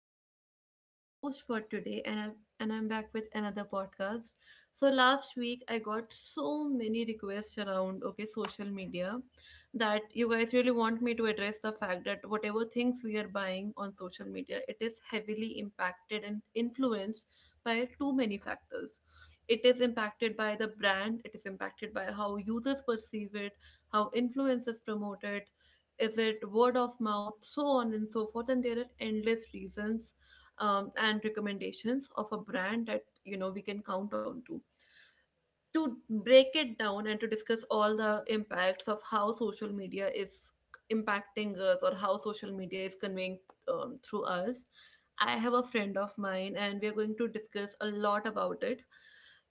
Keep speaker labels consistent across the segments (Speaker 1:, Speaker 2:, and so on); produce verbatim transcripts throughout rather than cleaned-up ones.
Speaker 1: everyone. I am your host for today and I and I'm back with another podcast. So last week I got so many requests around, okay, social media, that you guys really want me to address the fact that whatever things we are buying on social media, it is heavily impacted and influenced by too many factors. It is impacted by the brand, it is impacted by how users perceive it, how influencers promote it, is it word of mouth, so on and so forth, and there are endless reasons um, and recommendations of a brand that, you know, we can count on to to break it down and to discuss all the impacts of how social media is impacting us or how social media is conveying um, through us. I have a friend of mine and we are going to discuss a lot about it,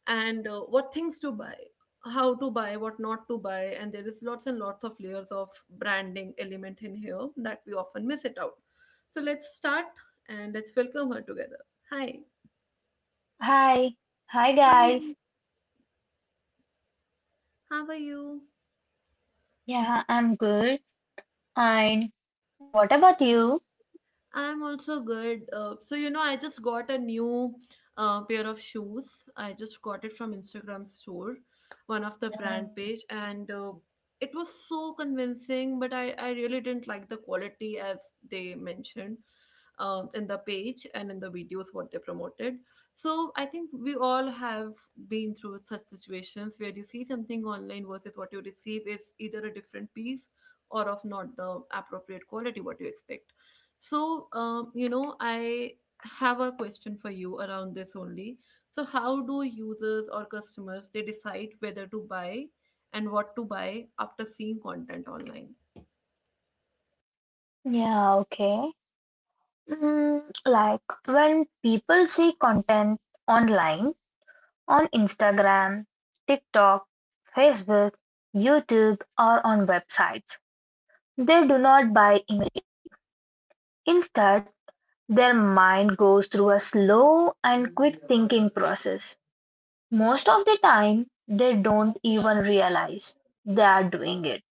Speaker 1: and uh, what things to buy, how to buy, what not to buy, and there is lots and lots of layers of branding element in here that we often miss it out. So let's start and let's welcome her together. Hi,
Speaker 2: Hi, hi
Speaker 1: how are you,
Speaker 2: guys.
Speaker 1: how are you?
Speaker 2: Yeah, I'm good. And what about you?
Speaker 1: I'm also good. Uh, so, you know, I just got a new uh, pair of shoes. I just got it from Instagram store, one of the brand page, and uh, it was so convincing, but I, I really didn't like the quality as they mentioned um, in the page and in the videos what they promoted. So, I think we all have been through such situations where you see something online versus what you receive is either a different piece or of not the appropriate quality what you expect. So, um, you know, I have a question for you around this only. So, how do users or customers they decide whether to buy and what to buy after seeing content online?
Speaker 2: Yeah, okay. Mm, like when people see content online, on Instagram, TikTok, Facebook, YouTube, or on websites, they do not buy immediately. Instead, their mind goes through a slow and quick thinking process. Most of the time they don't even realize they are doing it.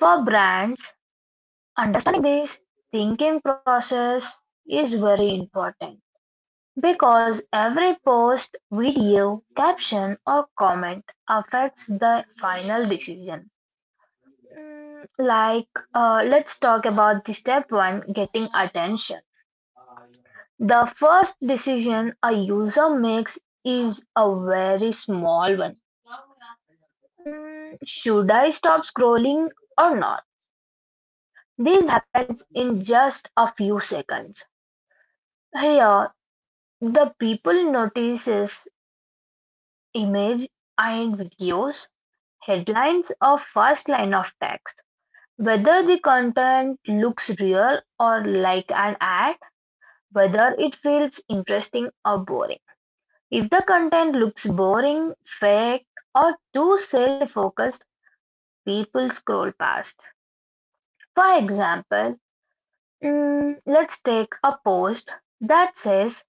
Speaker 2: For brands, understanding this thinking process is very important because every post, video, caption or comment affects the final decision. Mm, Like, uh, let's talk about the step one getting attention. The first decision a user makes is a very small one Mm, Should I stop scrolling or not? This happens in just a few seconds. Here, the people notices image and videos, headlines or first line of text. Whether the content looks real or like an ad, whether it feels interesting or boring. If the content looks boring, fake, or too self focused, people scroll past. For example, Mm, let's take a post that says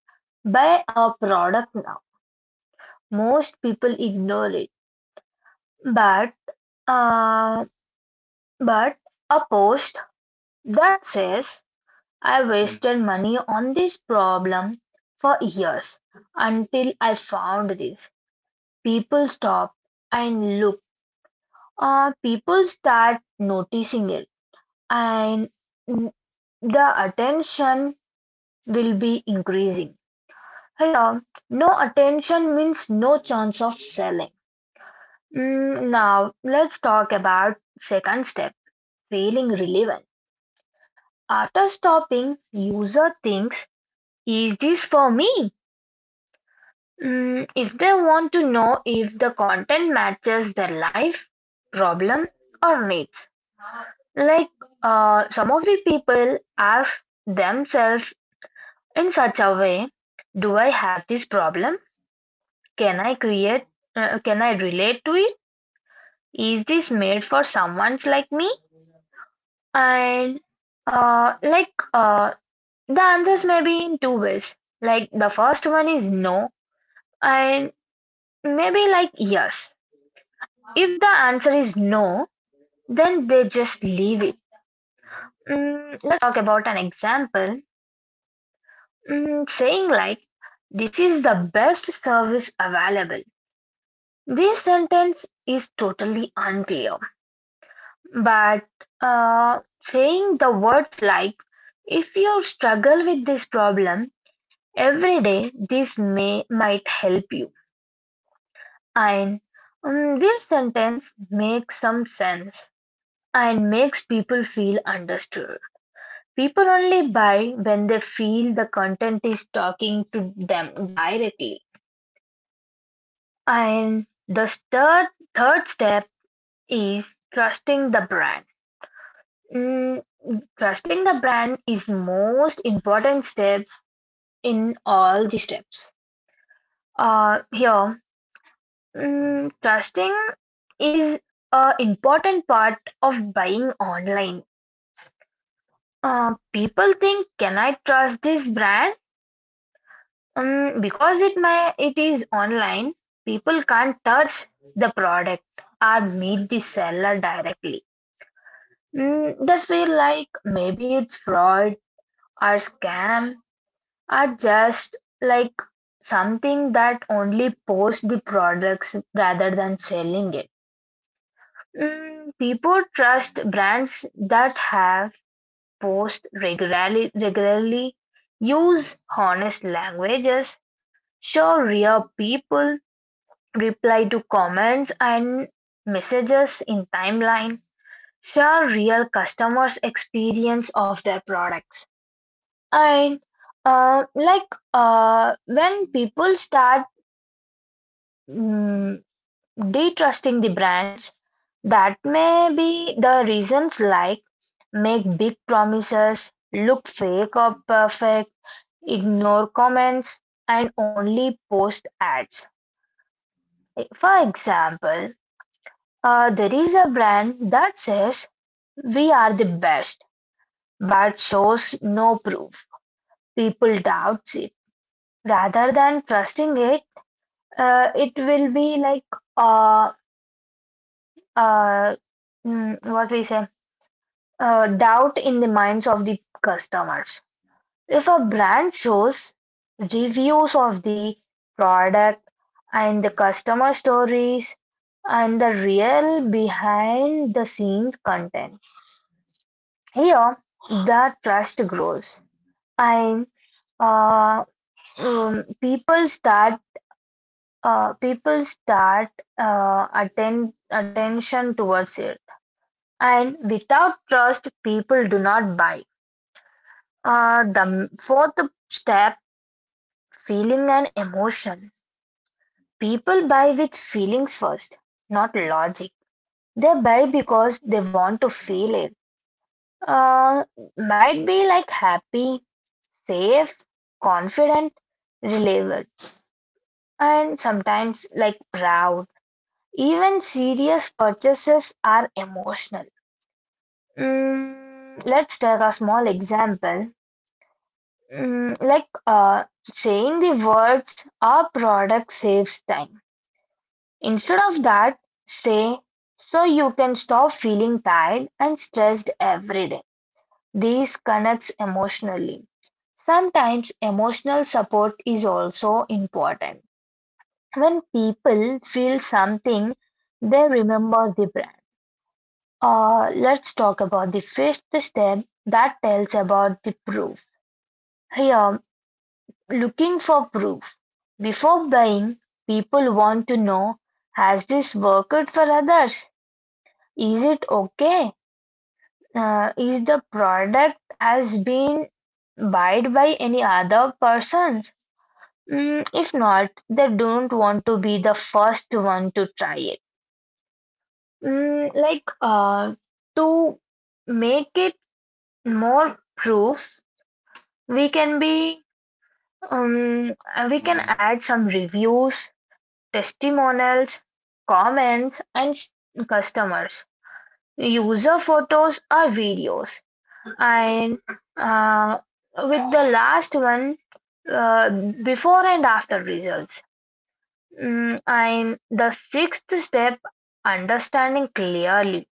Speaker 2: buy our product now. Most people ignore it, but uh, but a post that says I wasted money on this problem for years until I found this. People stop and look. Uh, people start noticing it, and the attention will be increasing. Here, no attention means no chance of selling. Mm, now, let's talk about second step, feeling relevant. After stopping, user thinks, is this for me? Mm, if they want to know if the content matches their life, problem, or needs. Like uh, some of the people ask themselves in such a way, do I have this problem? Can I create, uh, can I relate to it? Is this made for someone's like me? And uh, like uh, The answers may be in two ways. Like the first one is no, and maybe like yes. If the answer is no, then they just leave it. Mm, let's talk about an example. Mm, saying like this is the best service available. This sentence is totally unclear. But uh, saying the words like, if you struggle with this problem every day, this may might help you. And um, this sentence makes some sense and makes people feel understood. People only buy when they feel the content is talking to them directly. And the third, third step is trusting the brand. Mm, Trusting the brand is most important step in all the steps. Uh, here, mm, trusting is a important part of buying online. Uh, people think, can I trust this brand? Mm, because it may, it is online. People can't touch the product or meet the seller directly. Mm, they feel like maybe it's fraud or scam are just like something that only posts the products rather than selling it. Mm, people trust brands that have post regularly, regularly use honest languages, show real people, reply to comments and messages in timeline, share real customers' experience of their products. And uh, like uh, When people start mm, detrusting the brands. That may be the reasons like make big promises, look fake or perfect, ignore comments, and only post ads. For example, uh, there is a brand that says we are the best but shows no proof. People doubts it. Rather than trusting it, uh, it will be like uh, uh, mm, what we say, uh, doubt in the minds of the customers. If a brand shows reviews of the product and the customer stories and the real behind the scenes content, here the trust grows and uh, um, people start uh, people start uh, attend attention towards it. And without trust, people do not buy. Uh, the fourth step feeling and emotion. People buy with feelings first, not logic. They buy because they want to feel it. Uh, might be like happy, safe, confident, reliable, and sometimes like proud. Even serious purchases are emotional. Mm, let's take a small example. Mm, like uh, Saying the words our product saves time. Instead of that, say so you can stop feeling tired and stressed every day. This connects emotionally. Sometimes emotional support is also important. When people feel something, they remember the brand. Uh, let's talk about the fifth step that tells about the proof. Here, looking for proof before buying, people want to know has this worked for others? Is it okay? Uh, is the product has been bought by any other persons? Mm, if not, they don't want to be the first one to try it. Mm, like uh, to make it more proof, we can be um, we can add some reviews, testimonials, comments and s- customers, user photos or videos, and uh, with the last one uh, before and after results. Mm, and the sixth step, understanding clearly.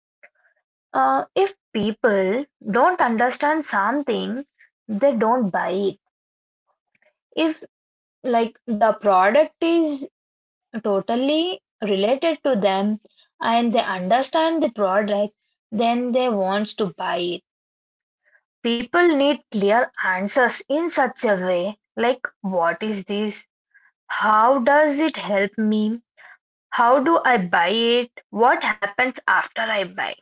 Speaker 2: Uh, if people don't understand something, they don't buy it. If like the product is totally related to them and they understand the product, then they want to buy it. People need clear answers in such a way like what is this? How does it help me? How do I buy it? What happens after I buy?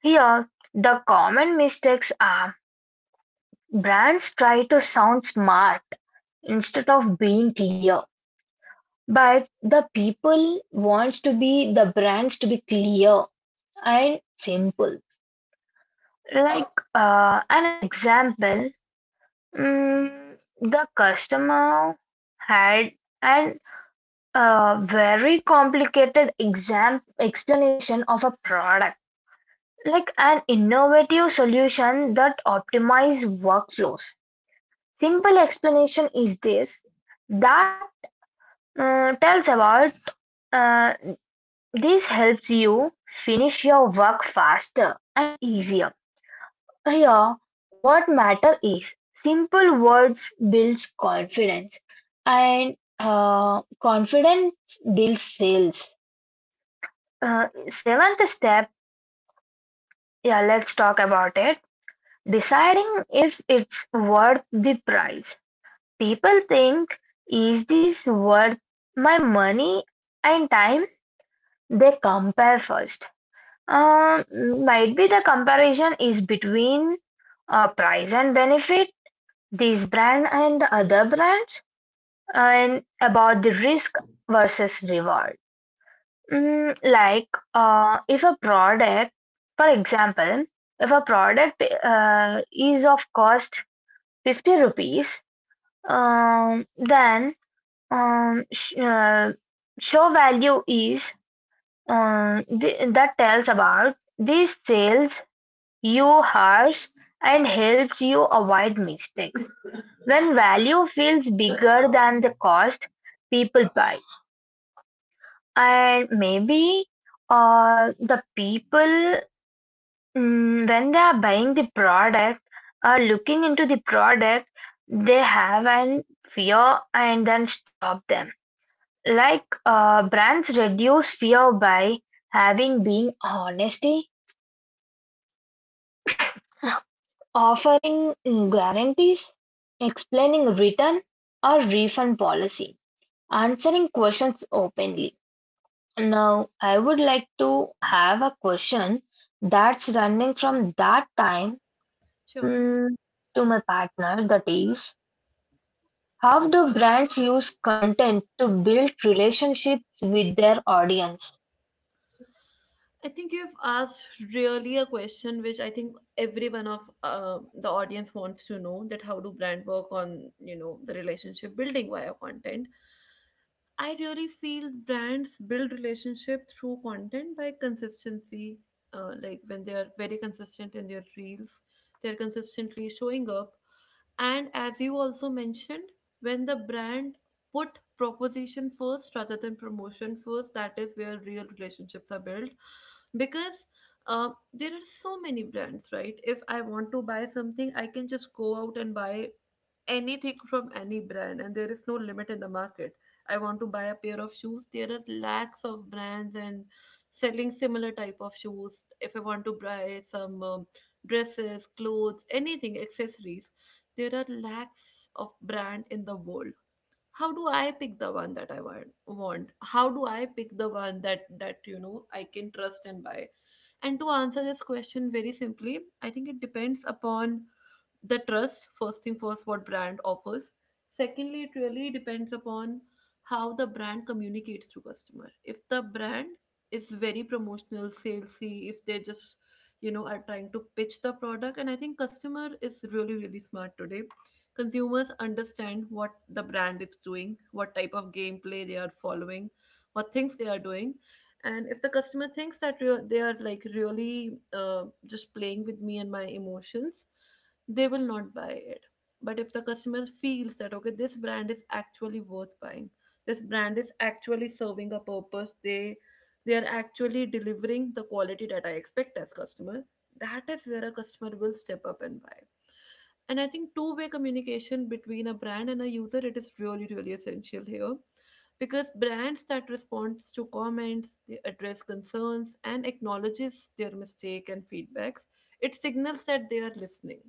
Speaker 2: Here, the common mistakes are brands try to sound smart instead of being clear. But the people wants to be the brands to be clear and simple. Like uh, an example, mm, the customer had an uh, very complicated exam explanation of a product, like an innovative solution that optimizes workflows. Simple explanation is this that uh, tells about uh, this helps you finish your work faster and easier. Here, what matter is simple words builds confidence, and uh, confidence builds sales. Uh, seventh step, yeah, let's talk about it. Deciding if it's worth the price. People think, is this worth my money and time? They compare first. Um, might be the comparison is between uh, price and benefit, this brand and the other brands, and about the risk versus reward. Mm, like uh, if a product, for example, if a product uh, is of cost fifty rupees, um, then um, sh- uh, show value is um, th- that tells about these sales you harsh and helps you avoid mistakes. When value feels bigger than the cost, people buy. And maybe uh, the people, mm, when they are buying the product, are looking into the product, they have an fear and then stop them. Like uh, brands reduce fear by having being honesty, offering guarantees, explaining return or refund policy, answering questions openly. Now, I would like to have a question that's running from that time
Speaker 1: Sure.
Speaker 2: mm, to my partner, that is, how do brands use content to build relationships with their audience?
Speaker 1: I think you've asked really a question which I think every one of uh, the audience wants to know, that how do brand work on, you know, the relationship building via content. I really feel brands build relationship through content by consistency. Uh, like when they are very consistent in their reels, they're consistently showing up. And as you also mentioned, when the brand put proposition first rather than promotion first, that is where real relationships are built. Because um, there are so many brands, right? If I want to buy something, I can just go out and buy anything from any brand, and there is no limit in the market. I want to buy a pair of shoes, there are lakhs of brands and selling similar type of shoes. If I want to buy some um, dresses, clothes, anything, accessories, there are lakhs of brand in the world. How do I pick the one that I want want, how do I pick the one that that, you know, I can trust and buy? And to answer this question very simply, I think it depends upon the trust. First thing first, what brand offers. Secondly, it really depends upon how the brand communicates to customer. If the brand is very promotional, salesy, if they just, you know, are trying to pitch the product, and I think customer is really really smart today. Consumers understand what the brand is doing, what type of gameplay they are following, what things they are doing. And if the customer thinks that re- they are, like, really uh, just playing with me and my emotions, they will not buy it. But if the customer feels that, okay, this brand is actually worth buying, this brand is actually serving a purpose, they they are actually delivering the quality that I expect as customer, that is where a customer will step up and buy. And I think two-way communication between a brand and a user, it is really really essential here, because brands that responds to comments, they address concerns and acknowledges their mistake and feedbacks, it signals that they are listening.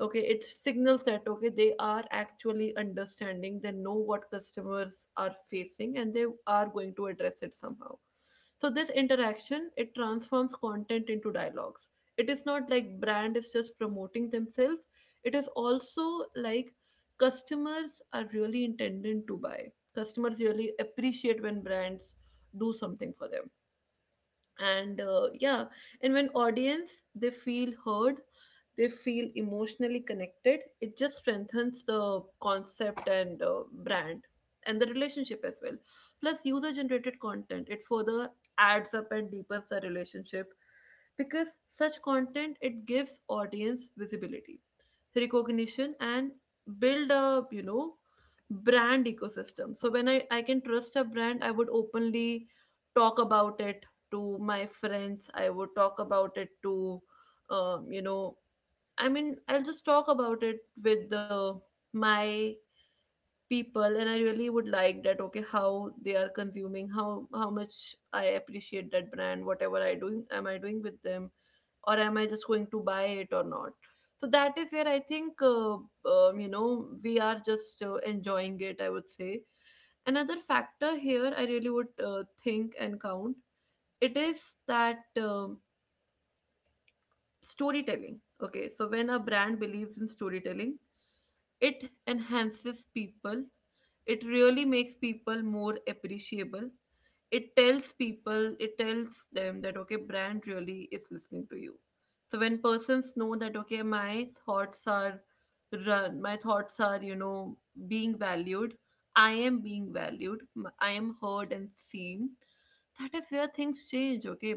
Speaker 1: Okay, it signals that, okay, they are actually understanding, they know what customers are facing and they are going to address it somehow. So this interaction, it transforms content into dialogues. It is not like brand is just promoting themselves, it is also, like, customers are really intending to buy. Customers really appreciate when brands do something for them, and uh, yeah. And when audience, they feel heard, they feel emotionally connected, it just strengthens the concept and uh, brand and the relationship as well. Plus user generated content, it further adds up and deepens the relationship, because such content, it gives audience visibility, recognition, and build a, you know, brand ecosystem. So when I, I can trust a brand, I would openly talk about it to my friends, I would talk about it to um, you know, I mean, I'll just talk about it with the my people, and I really would like that. Okay, how they are consuming, how how much I appreciate that brand, whatever I doing, am I doing with them, or am I just going to buy it or not? So that is where I think uh, um, you know, we are just uh, enjoying it. I would say another factor here I really would uh, think and count, it is that um storytelling. Okay, so when a brand believes in storytelling, it enhances people, it really makes people more appreciable, it tells people, it tells them that, okay, brand really is listening to you. So when persons know that, okay, my thoughts are run my thoughts are, you know, being valued, I am being valued, m- I am heard and seen, that is where things change, okay?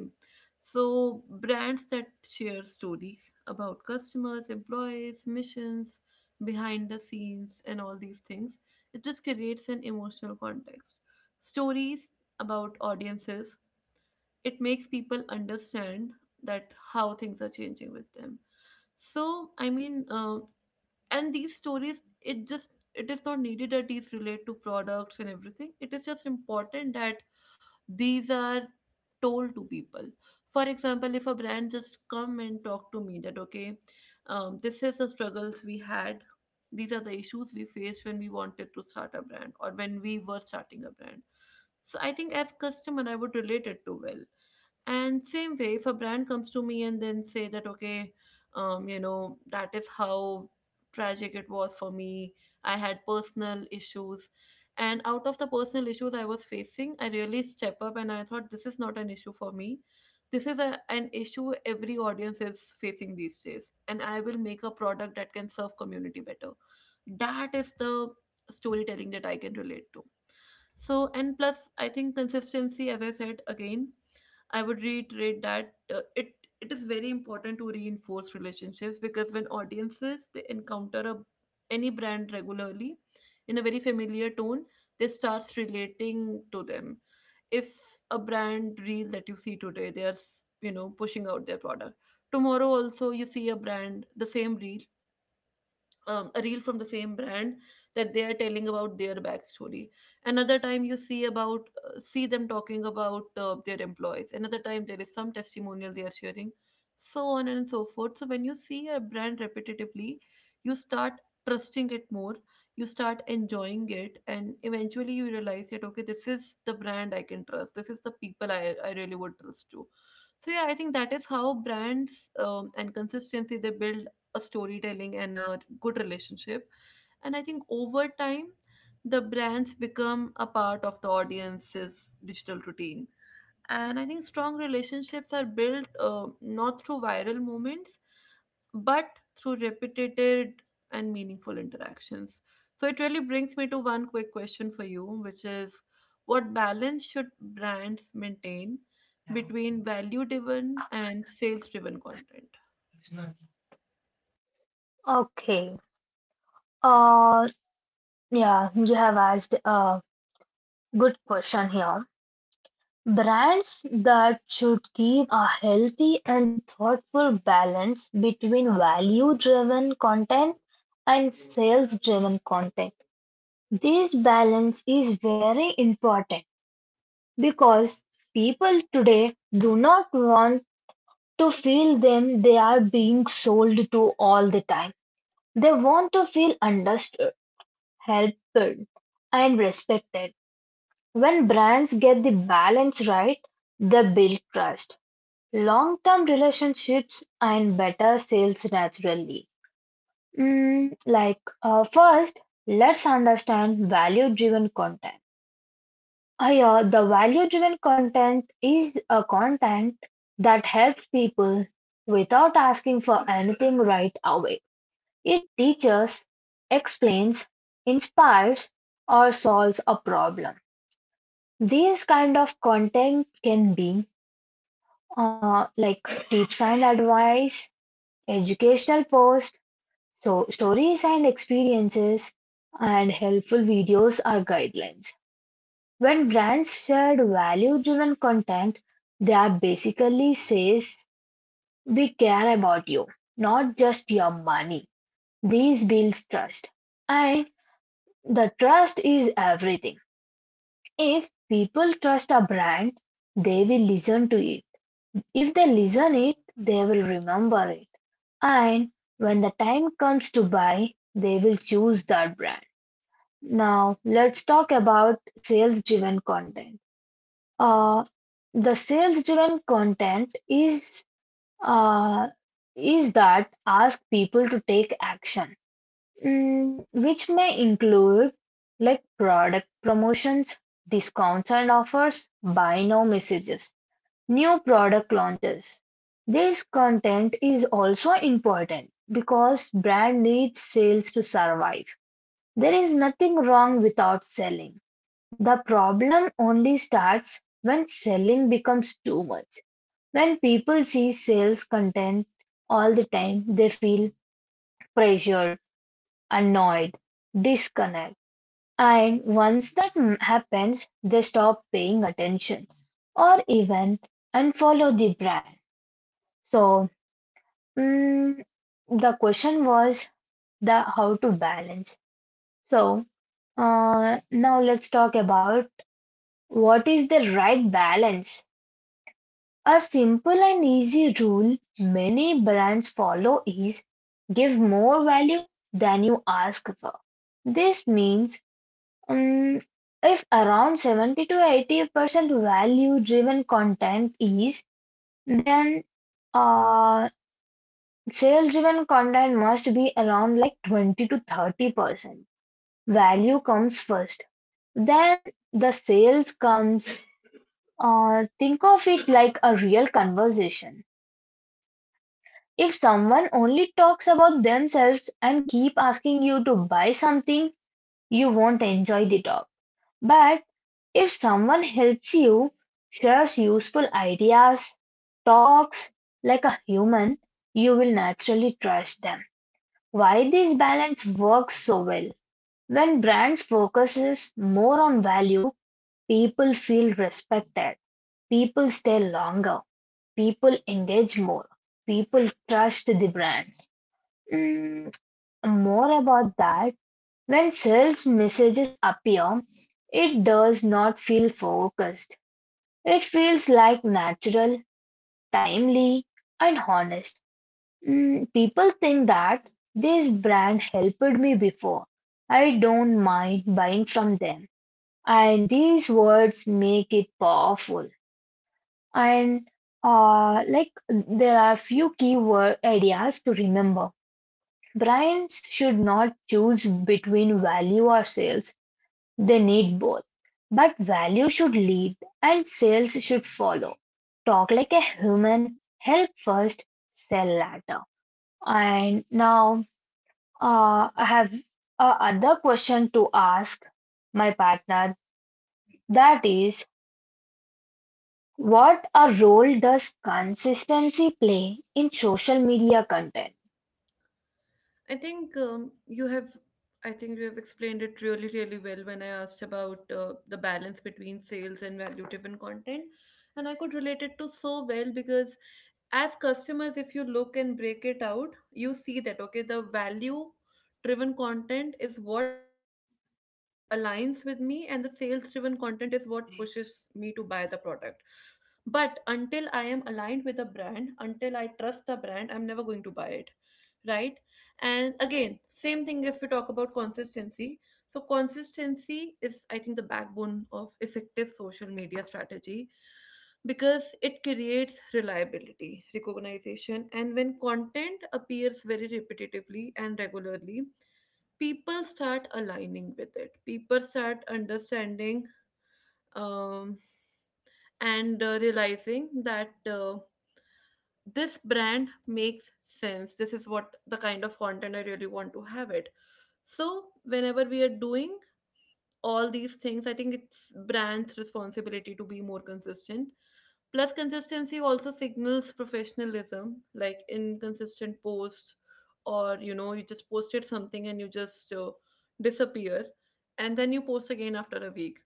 Speaker 1: So brands that share stories about customers, employees, missions, behind the scenes, and all these things, it just creates an emotional context. Stories about audiences, it makes people understand that how things are changing with them. So I mean, um, and these stories, it just, it is not needed that these relate to products and everything, it is just important that these are told to people. For example, if a brand just come and talk to me that, okay, um, this is the struggles we had, these are the issues we faced when we wanted to start a brand or when we were starting a brand, so I think as customer I would relate it to well. And same way, if a brand comes to me and then say that, okay, um, you know, that is how tragic it was for me. I had personal issues. And out of the personal issues I was facing, I really step up and I thought this is not an issue for me. This is a, an issue every audience is facing these days. And I will make a product that can serve community better. That is the storytelling that I can relate to. So, and plus, I think consistency, as I said again, I would reiterate that uh, it it is very important to reinforce relationships, because when audiences they encounter a any brand regularly in a very familiar tone, they starts relating to them. If a brand reel that you see today, they are s- you know, pushing out their product. Tomorrow also you see a brand the same reel, um, a reel from the same brand, that they are telling about their backstory. Another time you see about uh, see them talking about uh, their employees. Another time there is some testimonial they are sharing, so on and so forth. So when you see a brand repetitively, you start trusting it more. You start enjoying it, and eventually you realize that, okay, this is the brand I can trust. This is the people I I really would trust to. So yeah, I think that is how brands um, and consistency they build a storytelling and a good relationship. And I think over time, the brands become a part of the audience's digital routine. And I think strong relationships are built uh, not through viral moments, but through repeated and meaningful interactions. So it really brings me to one quick question for you, which is what balance should brands maintain between value driven and sales driven content.
Speaker 2: Okay. Uh, yeah, you have asked a good question here. Brands that should give a healthy and thoughtful balance between value-driven content and sales-driven content. This balance is very important because people today do not want to feel them they are being sold to all the time. They want to feel understood, helped, and respected. When brands get the balance right, they build trust long-term relationships and better sales naturally. Mm, like uh, first, let's understand value-driven content. Uh, yeah, the value-driven content is a content that helps people without asking for anything right away. It teaches, explains, inspires, or solves a problem. These kind of content can be uh, like tips and advice, educational posts, so stories and experiences, and helpful videos are guidelines. When brands share value-driven content, they are basically says we care about you, not just your money. These builds trust. And the trust is everything. If people trust a brand, they will listen to it. If they listen it, they will remember it. And when the time comes to buy, they will choose that brand. Now, let's talk about sales driven content. Uh, the sales driven content is uh, is that ask people to take action, mm, which may include like product promotions, discounts and offers, buy now messages. New product launches: this content is also important because brand needs sales to survive. There is nothing wrong without selling. The problem only starts when selling becomes too much. When people see sales content all the time, they feel pressured, annoyed, disconnected. And once that happens, they stop paying attention or even unfollow the brand. So Mm, the question was the how to balance. So uh, now let's talk about what is the right balance. A simple and easy rule many brands follow is give more value than you ask for. This means um, if around seventy to eighty percent value driven content is, then uh, sales driven content must be around like twenty to thirty percent. Value comes first, then the sales comes. Uh, think of it like a real conversation. If someone only talks about themselves and keep asking you to buy something, you won't enjoy the talk. But if someone helps you, shares useful ideas, talks like a human, you will naturally trust them. Why this balance works so well? When brands focuses more on value, people feel respected, people stay longer, people engage more, people trust the brand. Mm, More about that. When sales messages appear, it does not feel focused. It feels like natural, timely, and honest. Mm, people think that this brand helped me before. I don't mind buying from them. And these words make it powerful. And uh, like there are few key word ideas to remember. Brands should not choose between value or sales. They need both. But value should lead and sales should follow. Talk like a human, help first, sell later. And now Uh, I have a other question to ask my partner. That is, what a role does consistency play in social media content?
Speaker 1: I think um, you have, I think you have explained it really, really well when I asked about uh, the balance between sales and value-driven content, and I could relate it to so well because as customers, if you look and break it out, you see that, okay, the value-driven content is what aligns with me, and the sales-driven content is what pushes me to buy the product. But until I am aligned with a brand, until I trust the brand, I'm never going to buy it, right? And again, same thing if we talk about consistency. So, consistency is, I think, the backbone of effective social media strategy, because it creates reliability, recognition, and when content appears very repetitively and regularly, people start aligning with it. People start understanding. Um, and uh, realizing that uh, this brand makes sense, this is what the kind of content I really want to have it. So whenever we are doing all these things, I think it's brand's responsibility to be more consistent. Plus consistency also signals professionalism, like inconsistent posts, or you know, you just posted something and you just uh, disappear and then you post again after a week,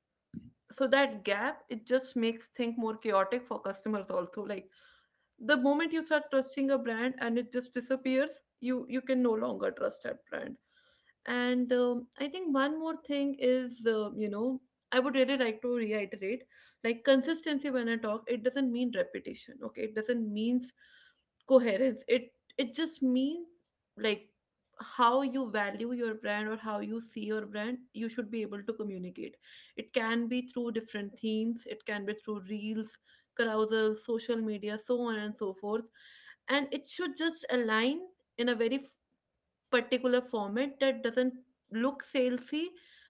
Speaker 1: so that gap, it just makes things more chaotic for customers also, like the moment you start trusting a brand and it just disappears, you you can no longer trust that brand. And um, I think one more thing is, uh, you know, I would really like to reiterate, like consistency when I talk, it doesn't mean repetition, okay? It doesn't means coherence. It it just mean, like, how you value your brand or how you see your brand, you should be able to communicate. It can be through different themes, it can be through reels, carousel, social media, so on and so forth. And it should just align in a very particular format that doesn't look salesy,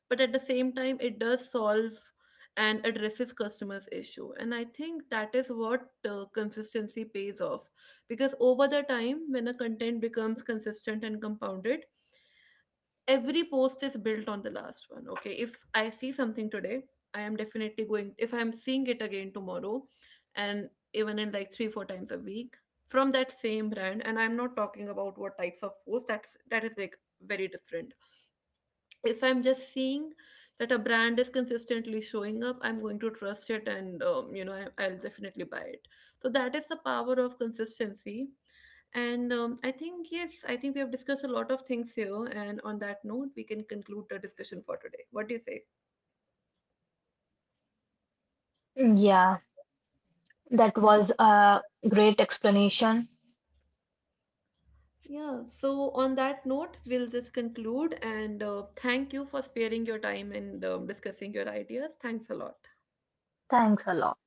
Speaker 1: but at the same time, it does solve and addresses customers' issue. And I think that is what uh, consistency pays off, because over the time, when a content becomes consistent and compounded, every post is built on the last one. Okay, if I see something today, I am definitely going if I'm seeing it again tomorrow, and even in like three four times a week from that same brand, and I'm not talking about what types of posts, that's that is like very different. If I'm just seeing that a brand is consistently showing up, I'm going to trust it, and um, you know, I, i'll definitely buy it. So that is the power of consistency. And um, I think yes, I think we have discussed a lot of things here, and on that note we can conclude the discussion for today. What do you say?
Speaker 2: Yeah, that was a great explanation.
Speaker 1: Yeah, so on that note we'll just conclude and uh, thank you for sparing your time and um, discussing your ideas. Thanks a lot.
Speaker 2: Thanks a lot.